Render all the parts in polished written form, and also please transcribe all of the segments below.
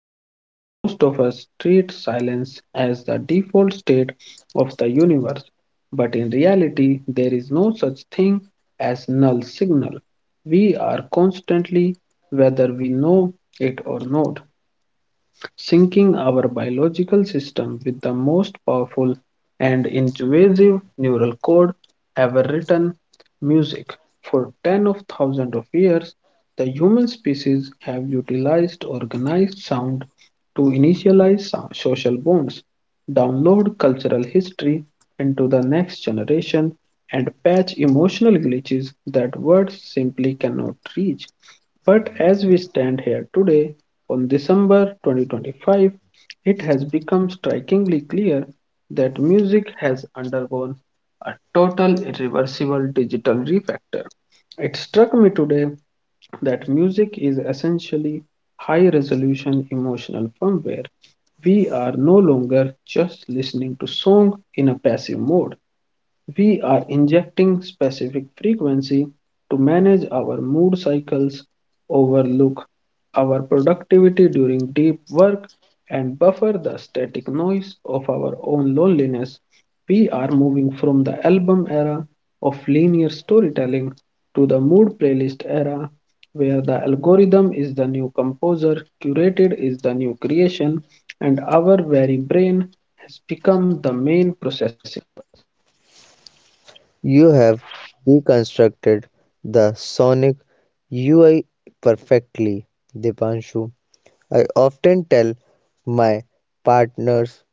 moment, most of us treat silence as the default state of the universe, but in reality, there is no such thing as null signal. We are constantly, whether we know it or not, syncing our biological system with the most powerful and invasive neural code ever written music. For ten of thousands of years, the human species have utilized organized sound to initialize social bonds, download cultural history into the next generation, and patch emotional glitches that words simply cannot reach. But as we stand here today, on December 2025, it has become strikingly clear that music has undergone a total irreversible digital refactor. It struck me today that music is essentially high resolution emotional firmware. We are no longer just listening to song in a passive mode. We are injecting specific frequency to manage our mood cycles, overlook our productivity during deep work, and buffer the static noise of our own loneliness. We are moving from the album era of linear storytelling to the mood playlist era, where the algorithm is the new composer, curated is the new creation, and our very brain has become the main processor. You have deconstructed the Sonic UI perfectly, Dipanshu. I often tell my partners,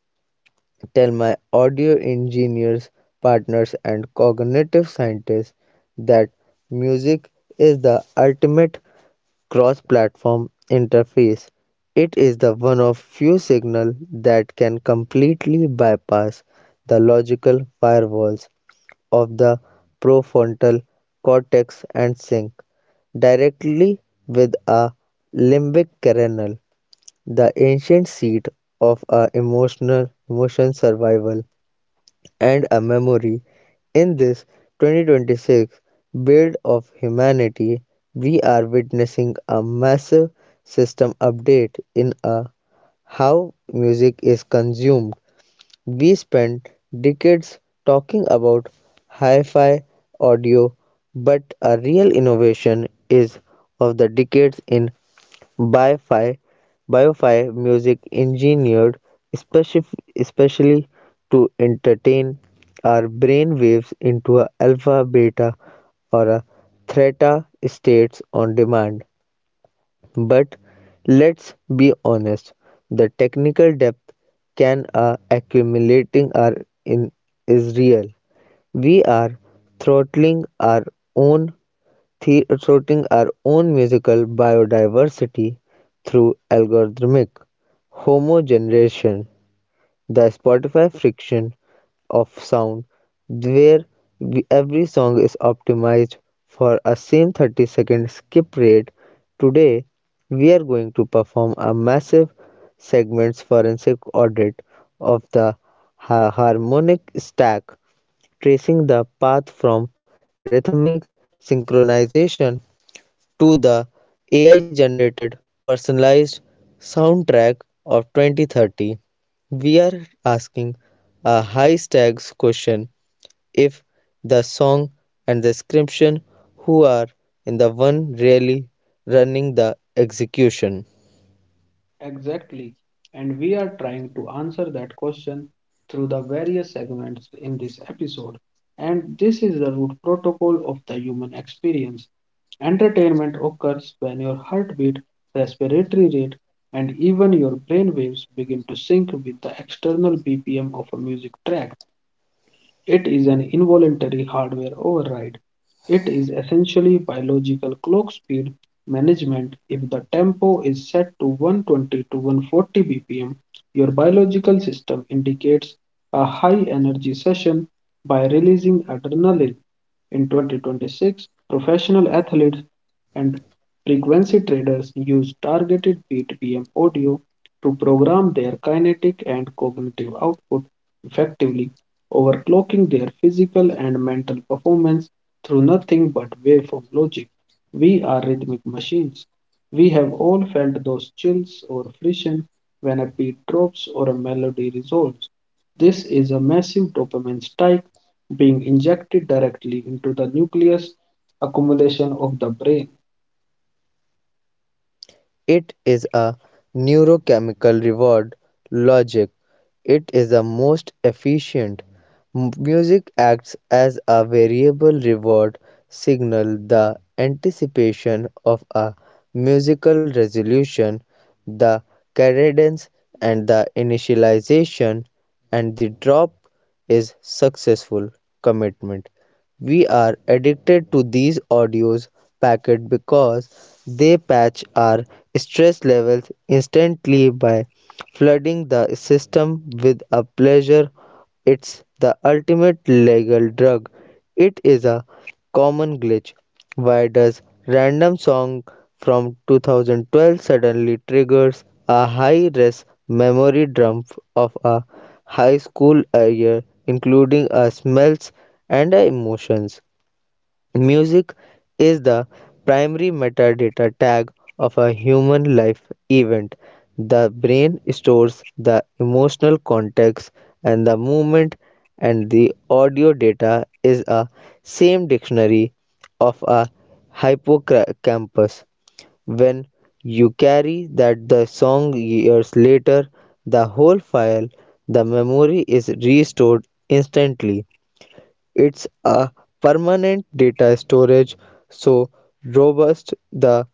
tell my audio engineers, partners, and cognitive scientists that music is the ultimate cross platform interface. It is the one of few signal that can completely bypass the logical firewalls of the prefrontal cortex and sync directly with a limbic kernel, the ancient seat of our emotion survival and a memory. In this 2026 build of humanity, we are witnessing a massive system update in a how music is consumed. We spent decades talking about hi-fi audio, but a real innovation is of the decades in bi-fi, bi-fi music engineered especially to entertain our brain waves into a alpha, beta, or a theta states on demand. But let's be honest, the technical depth can are accumulating are in is real. We are throttling own throttling our own musical biodiversity through algorithmic homogenization. The Spotify friction of sound, where every song is optimized for a same 30-second skip rate. Today, we are going to perform a massive segments forensic audit of the harmonic stack, tracing the path from rhythmic synchronization to the AI generated personalized soundtrack of 2030. We are asking a high stakes question if the song and the description who are in the one really running the execution. Exactly. And we are trying to answer that question through the various segments in this episode. And this is the root protocol of the human experience. Entertainment occurs when your heartbeat, respiratory rate, and even your brain waves begin to sync with the external BPM of a music track. It is an involuntary hardware override. It is essentially biological clock speed management. If the tempo is set to 120 to 140 BPM, your biological system indicates a high energy session by releasing adrenaline. In 2026, professional athletes and frequency traders use targeted BPM audio to program their kinetic and cognitive output, effectively overclocking their physical and mental performance through nothing but waveform logic. We are rhythmic machines. We have all felt those chills or friction when a beat drops or a melody resolves. This is a massive dopamine spike being injected directly into the nucleus accumulation of the brain. It is a neurochemical reward logic. It is the most efficient. Music acts as a variable reward signal, the anticipation of a musical resolution, the cadence and the initialization and the drop is successful commitment. We are addicted to these audios packet because they patch our stress levels instantly by flooding the system with a pleasure. It's the ultimate legal drug. It is a common glitch. Why does random song from 2012 suddenly triggers a high-res memory dump of a high school year including our smells and our emotions? Music is the primary metadata tag of a human life event. The brain stores the emotional context and the movement, and the audio data is a same dictionary of a hippocampus. When you carry that the song years later, the whole file, the memory is restored instantly. It's a permanent data storage, so robust the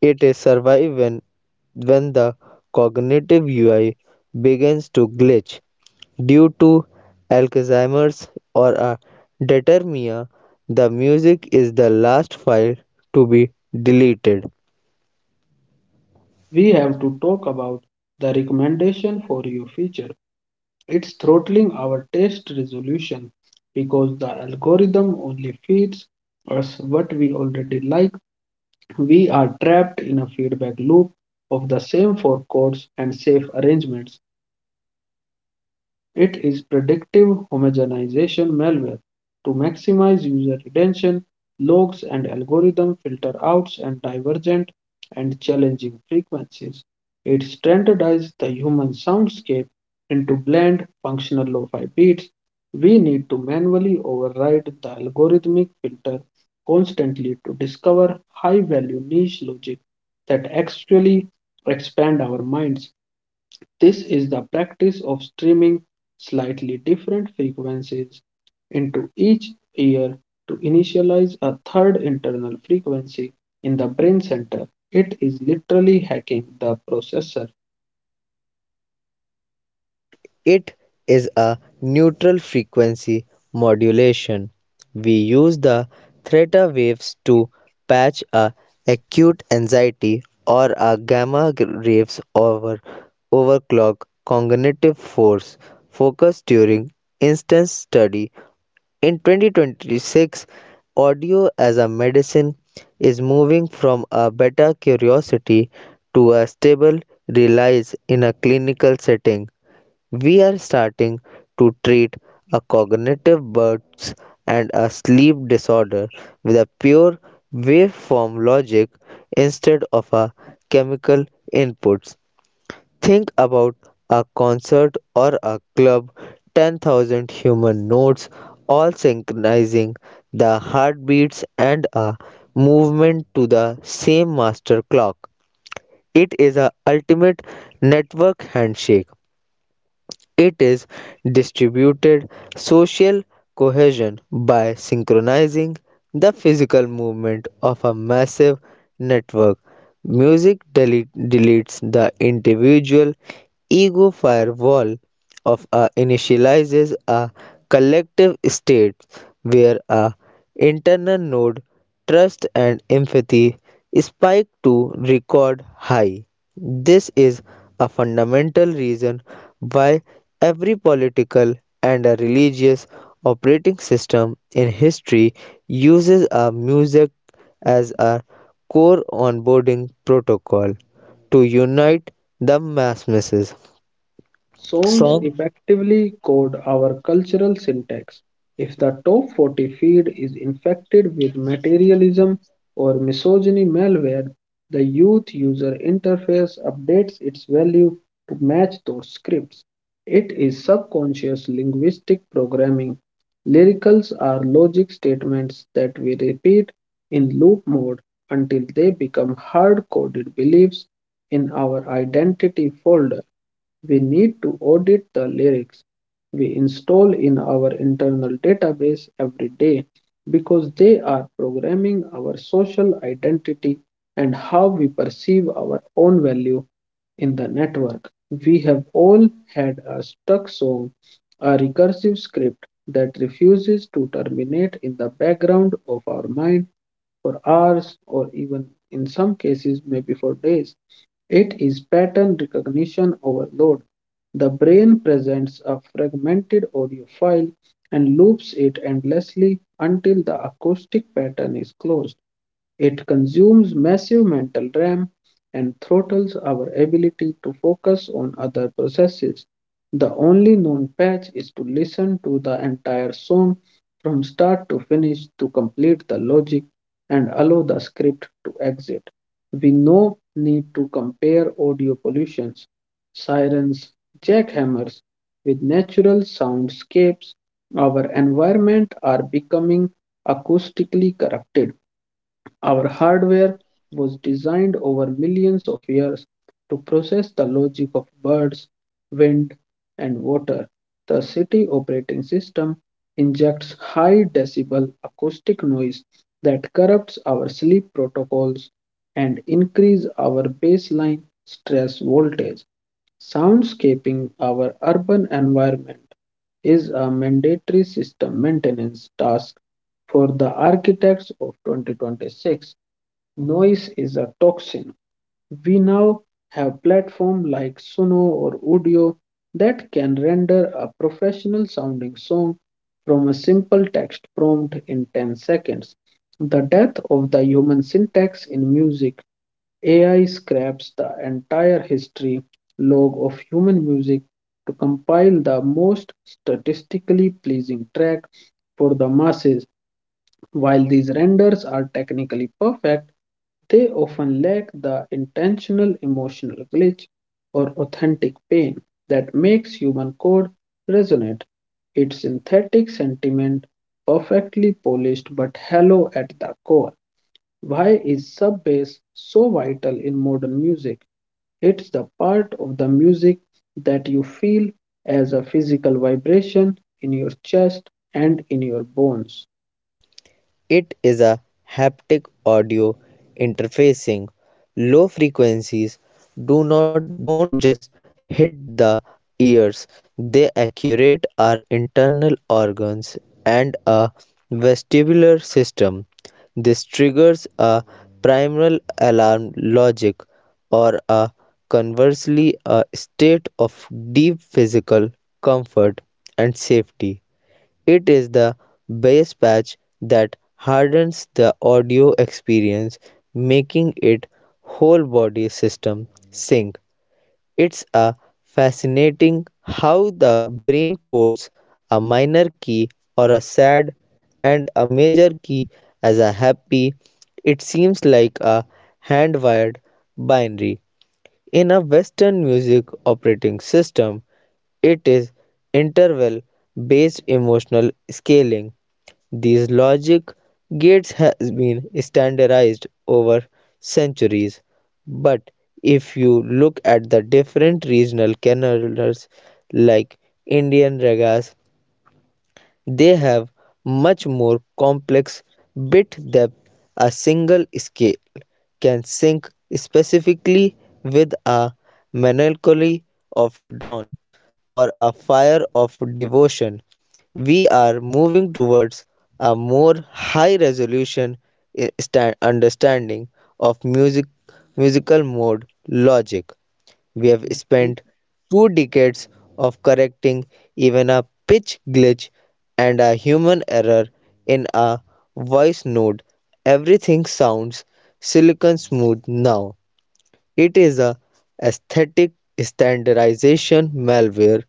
it is survive when the cognitive UI begins to glitch due to Alzheimer's or a determia. The music is the last file to be deleted. We have to talk about the recommendation for your future. It's throttling our taste resolution because the algorithm only feeds us what we already like. We are trapped in a feedback loop of the same four chords and safe arrangements. It is predictive homogenization malware to maximize user retention. Logs and algorithm filter outs and divergent and challenging frequencies. It standardizes the human soundscape into bland, functional lo-fi beats. We need to manually override the algorithmic filter constantly to discover high-value niche logic that actually expand our minds. This is the practice of streaming slightly different frequencies into each ear to initialize a third internal frequency in the brain center. It is literally hacking the processor. It is a neutral frequency modulation. We use the theta waves to patch a acute anxiety or a gamma waves overclock cognitive force focus during instance study. In 2026, audio as a medicine is moving from a beta curiosity to a stable reliance in a clinical setting. We are starting to treat a cognitive burst and a sleep disorder with a pure waveform logic instead of a chemical inputs. Think about a concert or a club, 10,000 human notes all synchronizing the heartbeats and a movement to the same master clock. It is a ultimate network handshake. It is distributed social cohesion by synchronizing the physical movement of a massive network. Deletes the individual ego firewall of a initializes a collective state where a internal node trust and empathy spiked to record high. This is a fundamental reason why every political and a religious operating system in history uses a music as a core onboarding protocol to unite the masses. Songs Song. effectively code our cultural syntax. If the top 40 feed is infected with materialism or misogyny malware, the youth user interface updates its value to match those scripts. It is subconscious linguistic programming. Lyricals are logic statements that we repeat in loop mode until they become hard coded beliefs in our identity folder. We need to audit the lyrics we install in our internal database every day because they are programming our social identity and how we perceive our own value in the network. We have all had a stuck song, a recursive script that refuses to terminate in the background of our mind for hours or even in some cases maybe for days. It is pattern recognition overload. The brain presents a fragmented audio file and loops it endlessly until the acoustic pattern is closed. It consumes massive mental RAM and throttles our ability to focus on other processes. The only known patch is to listen to the entire song from start to finish to complete the logic and allow the script to exit. We no need to compare audio pollutions, sirens, jackhammers with natural soundscapes. Our environment are becoming acoustically corrupted. Our hardware was designed over millions of years to process the logic of birds, wind, and water. The city operating system injects high decibel acoustic noise that corrupts our sleep protocols and increase our baseline stress voltage, soundscaping our urban environment is a mandatory system maintenance task for the architects of 2026. Noise is a toxin. We now have platforms like Suno or Udio that can render a professional sounding song from a simple text prompt in 10 seconds. The death of the human syntax in music AI scraps the entire history log of human music to compile the most statistically pleasing track for the masses. While these renders are technically perfect, they often lack the intentional emotional glitch or authentic pain that makes human code resonate. Its synthetic sentiment, perfectly polished but hollow at the core. Why is sub bass so vital in modern music? It's the part of the music that you feel as a physical vibration in your chest and in your bones. It is a haptic audio interfacing. Low frequencies do not don't just hit the ears, they accurate our internal organs and a vestibular system. This triggers a primal alarm logic or a conversely a state of deep physical comfort and safety. It is the bass patch that hardens the audio experience, making it whole body system sync. It's a fascinating how the brain codes a minor key or a sad and a major key as a happy. It seems like a hand wired binary. In a Western music operating system, it is interval-based emotional scaling. These logic gates has been standardized over centuries, but if you look at the different regional canals like Indian ragas, they have much more complex bit depth. A single scale can sync specifically with a melancholy of dawn or a fire of devotion. We are moving towards a more high resolution understanding of musical mode logic. We have We spent 2 decades of correcting even a pitch glitch and a human error in a voice note. Everything sounds silicon smooth now. It is a aesthetic standardization malware.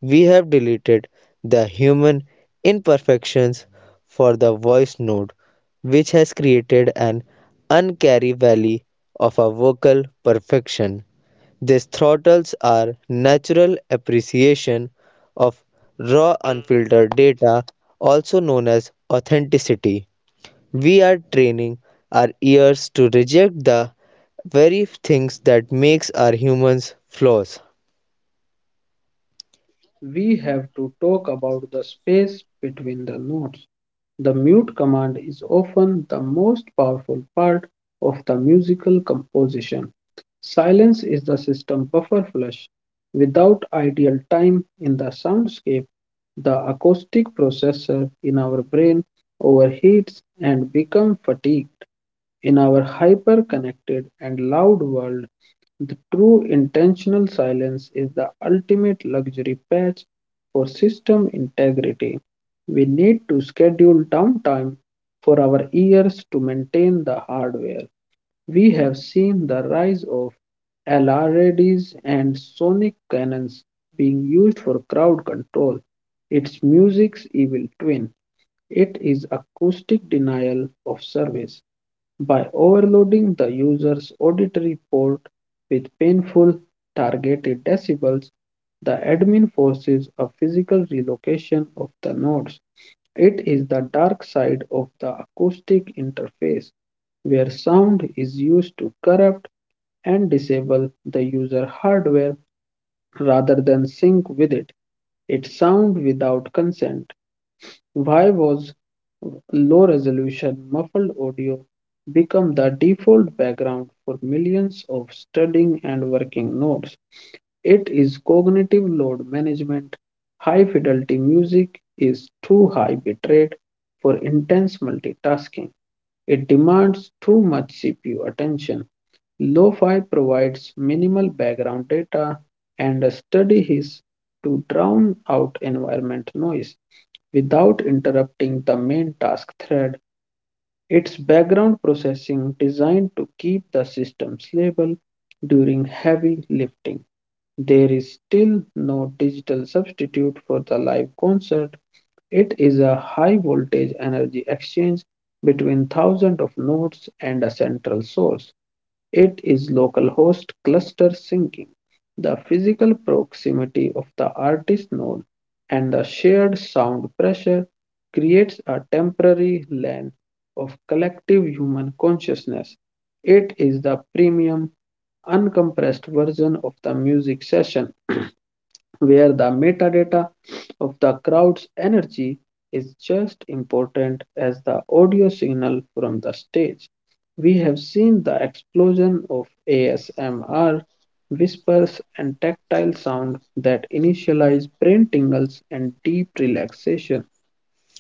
We have deleted the human imperfections for the voice node, which has created an uncanny valley of a vocal perfection. This throttles our natural appreciation of raw unfiltered data, also known as authenticity. We are training our ears to reject the very things that makes our humans flaws. we have to talk about the space between the notes. The mute command is often the most powerful part of the musical composition. Silence is the system buffer flush. Without ideal time in the soundscape, the acoustic processor in our brain overheats and becomes fatigued. In our hyper-connected and loud world, the true intentional silence is the ultimate luxury patch for system integrity. We need to schedule downtime for our ears to maintain the hardware. We have seen the rise of LRADs and sonic cannons being used for crowd control. It's music's evil twin. It is acoustic denial of service by overloading the user's auditory port with painful, targeted decibels, the admin forces a physical relocation of the nodes. It is the dark side of the acoustic interface, where sound is used to corrupt and disable the user hardware rather than sync with it. It's sound without consent. Why was low resolution muffled audio become the default background for millions of studying and working nodes? It is cognitive load management. High fidelity music is too high bitrate for intense multitasking. It demands too much CPU attention. Lo-fi provides minimal background data and a study is to drown out environment noise without interrupting the main task thread. It's background processing designed to keep the system stable during heavy lifting. There is still no digital substitute for the live concert. It is a high voltage energy exchange between thousands of nodes and a central source. It is localhost cluster syncing. The physical proximity of the artist node and the shared sound pressure creates a temporary land of collective human consciousness. It is the premium, uncompressed version of the music session where the metadata of the crowd's energy is just important as the audio signal from the stage. We have seen the explosion of ASMR, whispers, and tactile sound that initialize brain tingles and deep relaxation.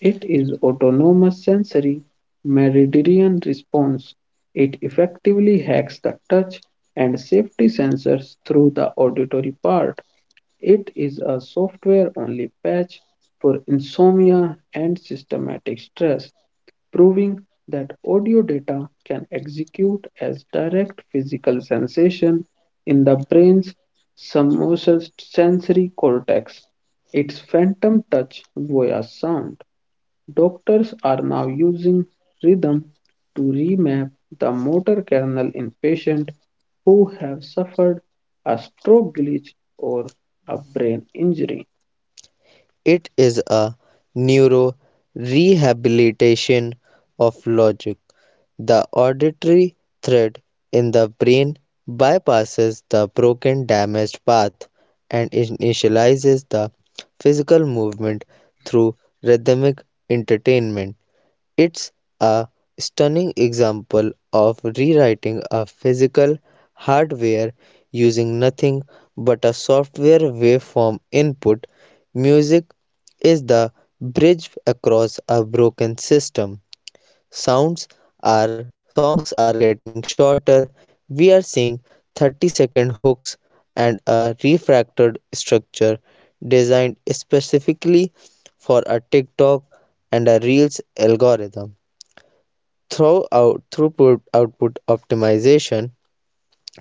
It is autonomous sensory meridian response. It effectively hacks the touch and safety sensors through the auditory part. It is a software only patch for insomnia and systematic stress, proving that audio data can execute as direct physical sensation in the brain's somatosensory cortex. It's phantom touch via sound. Doctors are now using rhythm to remap the motor kernel in patients who have suffered a stroke glitch or a brain injury. It is a neuro rehabilitation of logic. The auditory thread in the brain bypasses the broken damaged path and initializes the physical movement through rhythmic entertainment. It's a stunning example of rewriting a physical hardware using nothing but a software waveform input. Music is the bridge across a broken system. Sounds are songs are getting shorter. We are seeing 30-second hooks and a refracted structure designed specifically for a TikTok and a Reels algorithm. Throughput output optimization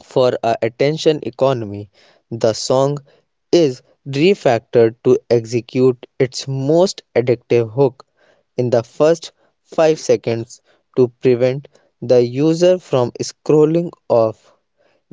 for a attention economy, the song is refactored to execute its most addictive hook in the first 5 seconds to prevent the user from scrolling off.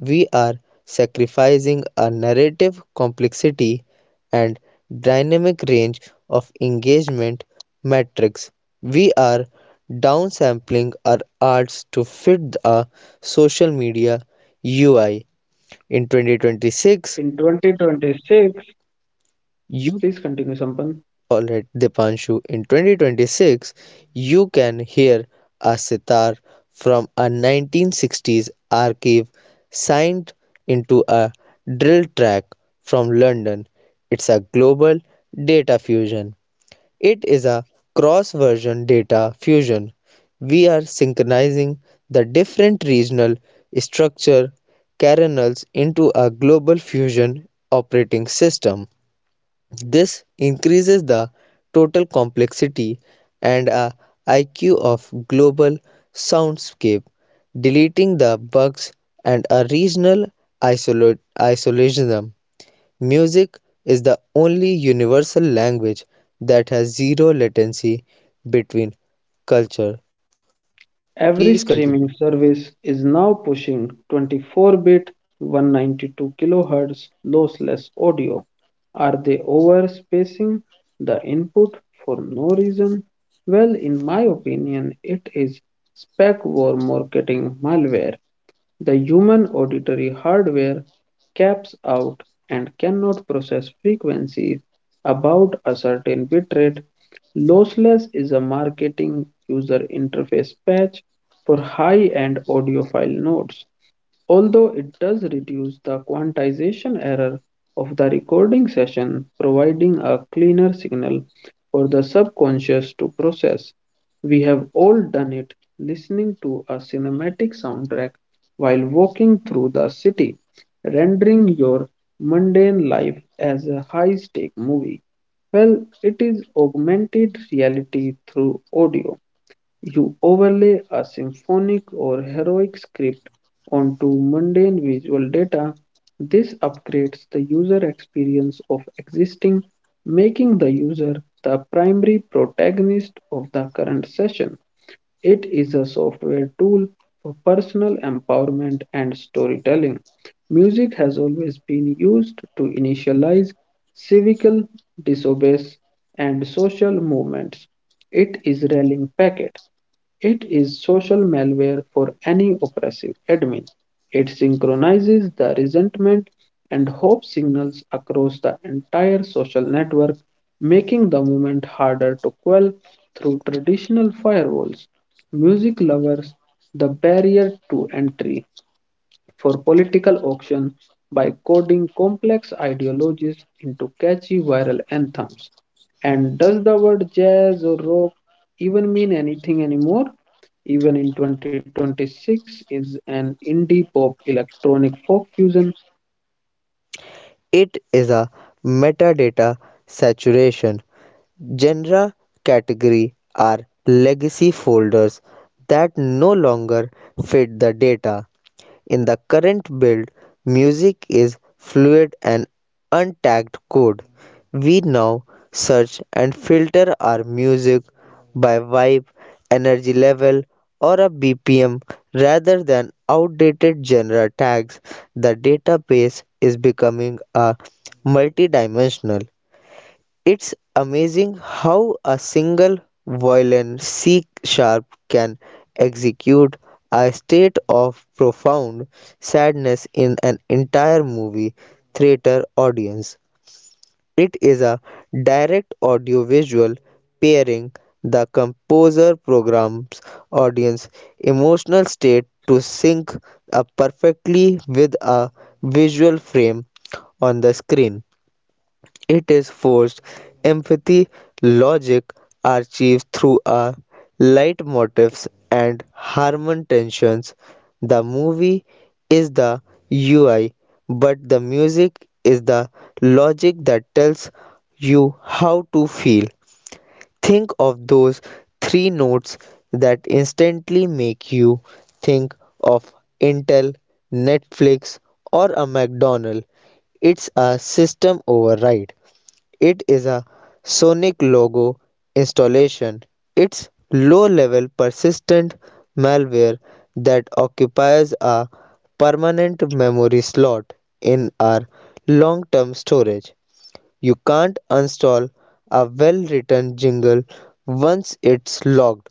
We are sacrificing a narrative complexity and dynamic range of engagement metrics. We are downsampling our arts to fit a social media UI. In In 2026, 2026, please continue, Sampan. alright, Dipanshu, in 2026, you can hear a sitar from a 1960s archive signed into a drill track from London. It's a global data fusion. It is a cross version data fusion. We are synchronizing the different regional structure kernels into a global fusion operating system. This increases the total complexity and IQ of global soundscape, deleting the bugs and a regional isolationism. Music is the only universal language that has zero latency between culture. Please Every continue. streaming service is now pushing 24-bit 192 kHz lossless audio. Are they overspacing the input for no reason? Well, in my opinion, it is spec war marketing malware. The human auditory hardware caps out and cannot process frequencies above a certain bitrate. Lossless is a marketing user interface patch for high-end audiophile file nodes. Although it does reduce the quantization error of the recording session, providing a cleaner signal for the subconscious to process. We have all done it listening to a cinematic soundtrack while walking through the city, rendering your mundane life as a high stake movie. Well, it is augmented reality through audio. You overlay a symphonic or heroic script onto mundane visual data. This upgrades the user experience of existing, making the user the primary protagonist of the current session. It is a software tool for personal empowerment and storytelling. Music has always been used to initialize civic disobedience and social movements. It is rallying packet. It is social malware for any oppressive admin. It synchronizes the resentment and hope signals across the entire social network, making the movement harder to quell through traditional firewalls. Music lovers, the barrier to entry for political auction by coding complex ideologies into catchy viral anthems. And does the word jazz or rock even mean anything anymore? Even in 2026, is an indie pop electronic folk fusion. It is a metadata saturation. Genre category are legacy folders that no longer fit the data. In the current build, music is fluid and untagged code. We now search and filter our music by vibe, energy level, or a BPM rather than outdated genre tags. The database is becoming a multidimensional. It's amazing how a single violin C sharp can execute a state of profound sadness in an entire movie theater audience. It is a direct audiovisual pairing. The composer programs audience emotional state to sync up perfectly with a visual frame on the screen. It is forced empathy logic are achieved through a light motifs and harmon tensions. The movie is the UI, but the music is the logic that tells you how to feel. Think of those three notes that instantly make you think of Intel, Netflix, or a McDonald's. It's a system override. It is a sonic logo installation. It's low-level persistent malware that occupies a permanent memory slot in our long-term storage. You can't uninstall a well-written jingle once it's logged.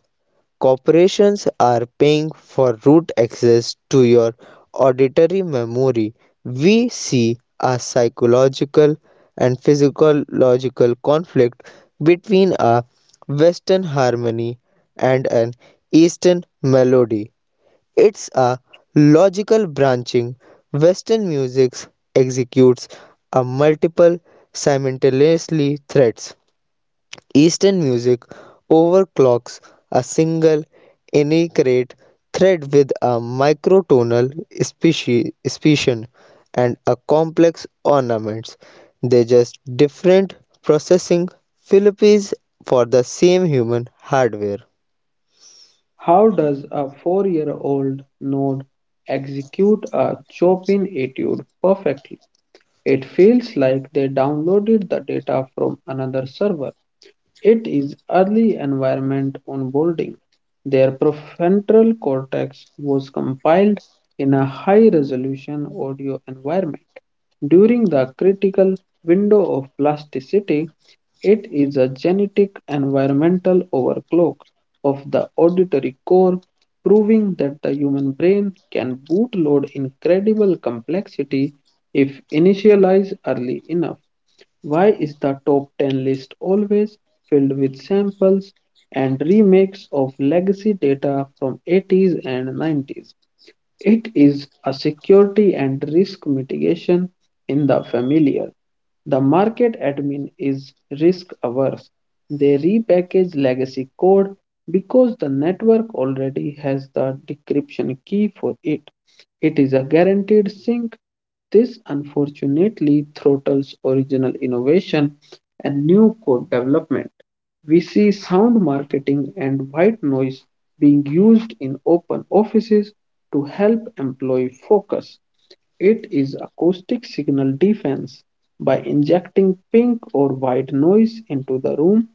Corporations are paying for root access to your auditory memory. We see a psychological and physiological conflict between a Western harmony and an Eastern melody. It's a logical branching. Western music executes a multiple simultaneously threads. Eastern music overclocks a single inaccurate thread with a microtonal speciation and a complex ornaments. They just different processing philosophies for the same human hardware. How does a 4 year old node execute a Chopin etude perfectly? It feels like they downloaded the data from another server. It is early environment onboarding. Their prefrontal cortex was compiled in a high resolution audio environment. During the critical window of plasticity, it is a genetic environmental overclock of the auditory core, proving that the human brain can bootload incredible complexity if initialized early enough. Why is the top 10 list always filled with samples and remakes of legacy data from 80s and 90s? It is a security and risk mitigation in the familiar. The market admin is risk averse. They repackage legacy code because the network already has the decryption key for it. It is a guaranteed sync. This unfortunately throttles original innovation and new code development. We see sound marketing and white noise being used in open offices to help employee focus. It is acoustic signal defense. By injecting pink or white noise into the room,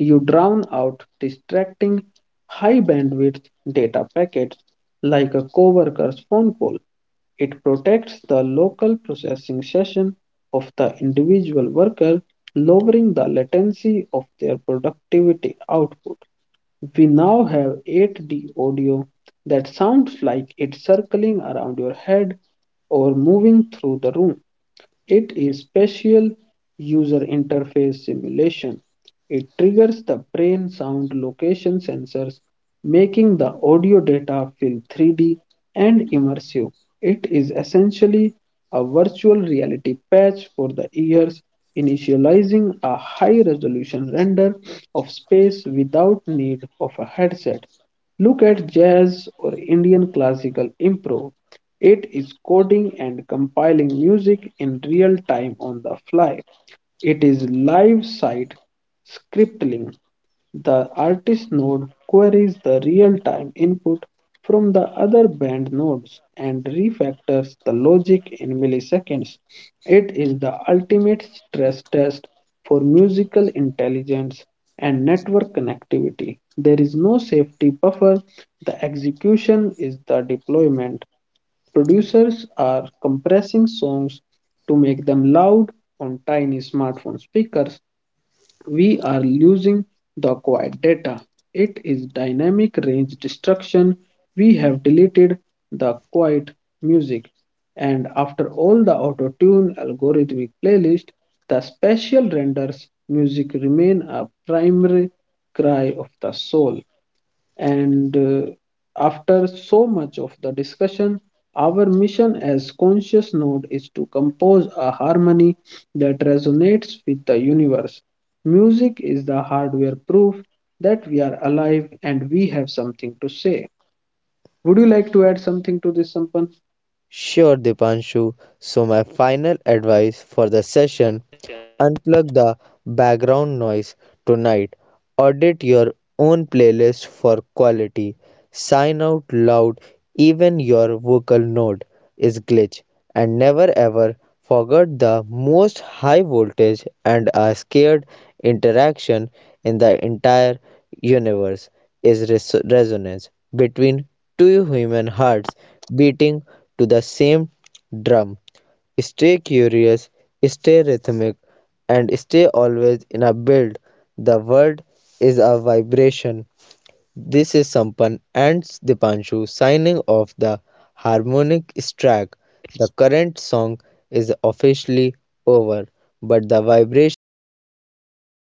you drown out distracting high bandwidth data packets like a coworker's phone call. It protects the local processing session of the individual worker, lowering the latency of their productivity output. We now have 8D audio that sounds like it's circling around your head or moving through the room. It is spatial user interface simulation. It triggers the brain sound location sensors, making the audio data feel 3D and immersive. It is essentially a virtual reality patch for the ears, initializing a high resolution render of space without need of a headset. Look at jazz or Indian classical improv. It is coding and compiling music in real time on the fly. It is live site scripting. The artist node queries the real-time input from the other band nodes and refactors the logic in milliseconds. It is the ultimate stress test for musical intelligence and network connectivity. There is no safety buffer. The execution is the deployment. Producers are compressing songs to make them loud on tiny smartphone speakers, we are losing the quiet data. It is dynamic range destruction. We have deleted the quiet music. And after all the auto-tune algorithmic playlist, the spatial renders music remain a primary cry of the soul. And after so much of the discussion, our mission as conscious node is to compose a harmony that resonates with the universe. Music is the hardware proof that we are alive and we have something to say. Would you like to add something to this, Sampan? Sure, Dipanshu. So, my final advice for the session: unplug the background noise tonight. Audit your own playlist for quality. Sign out loud, even your vocal note is glitch, and never ever forget the most high voltage and a scared interaction in the entire universe is resonance between two human hearts beating to the same drum. Stay curious, stay rhythmic, and stay always in a build. The world is a vibration. This is Sampan and Dipanshu signing off the harmonic track. The current song is officially over, but the vibrations continues forever.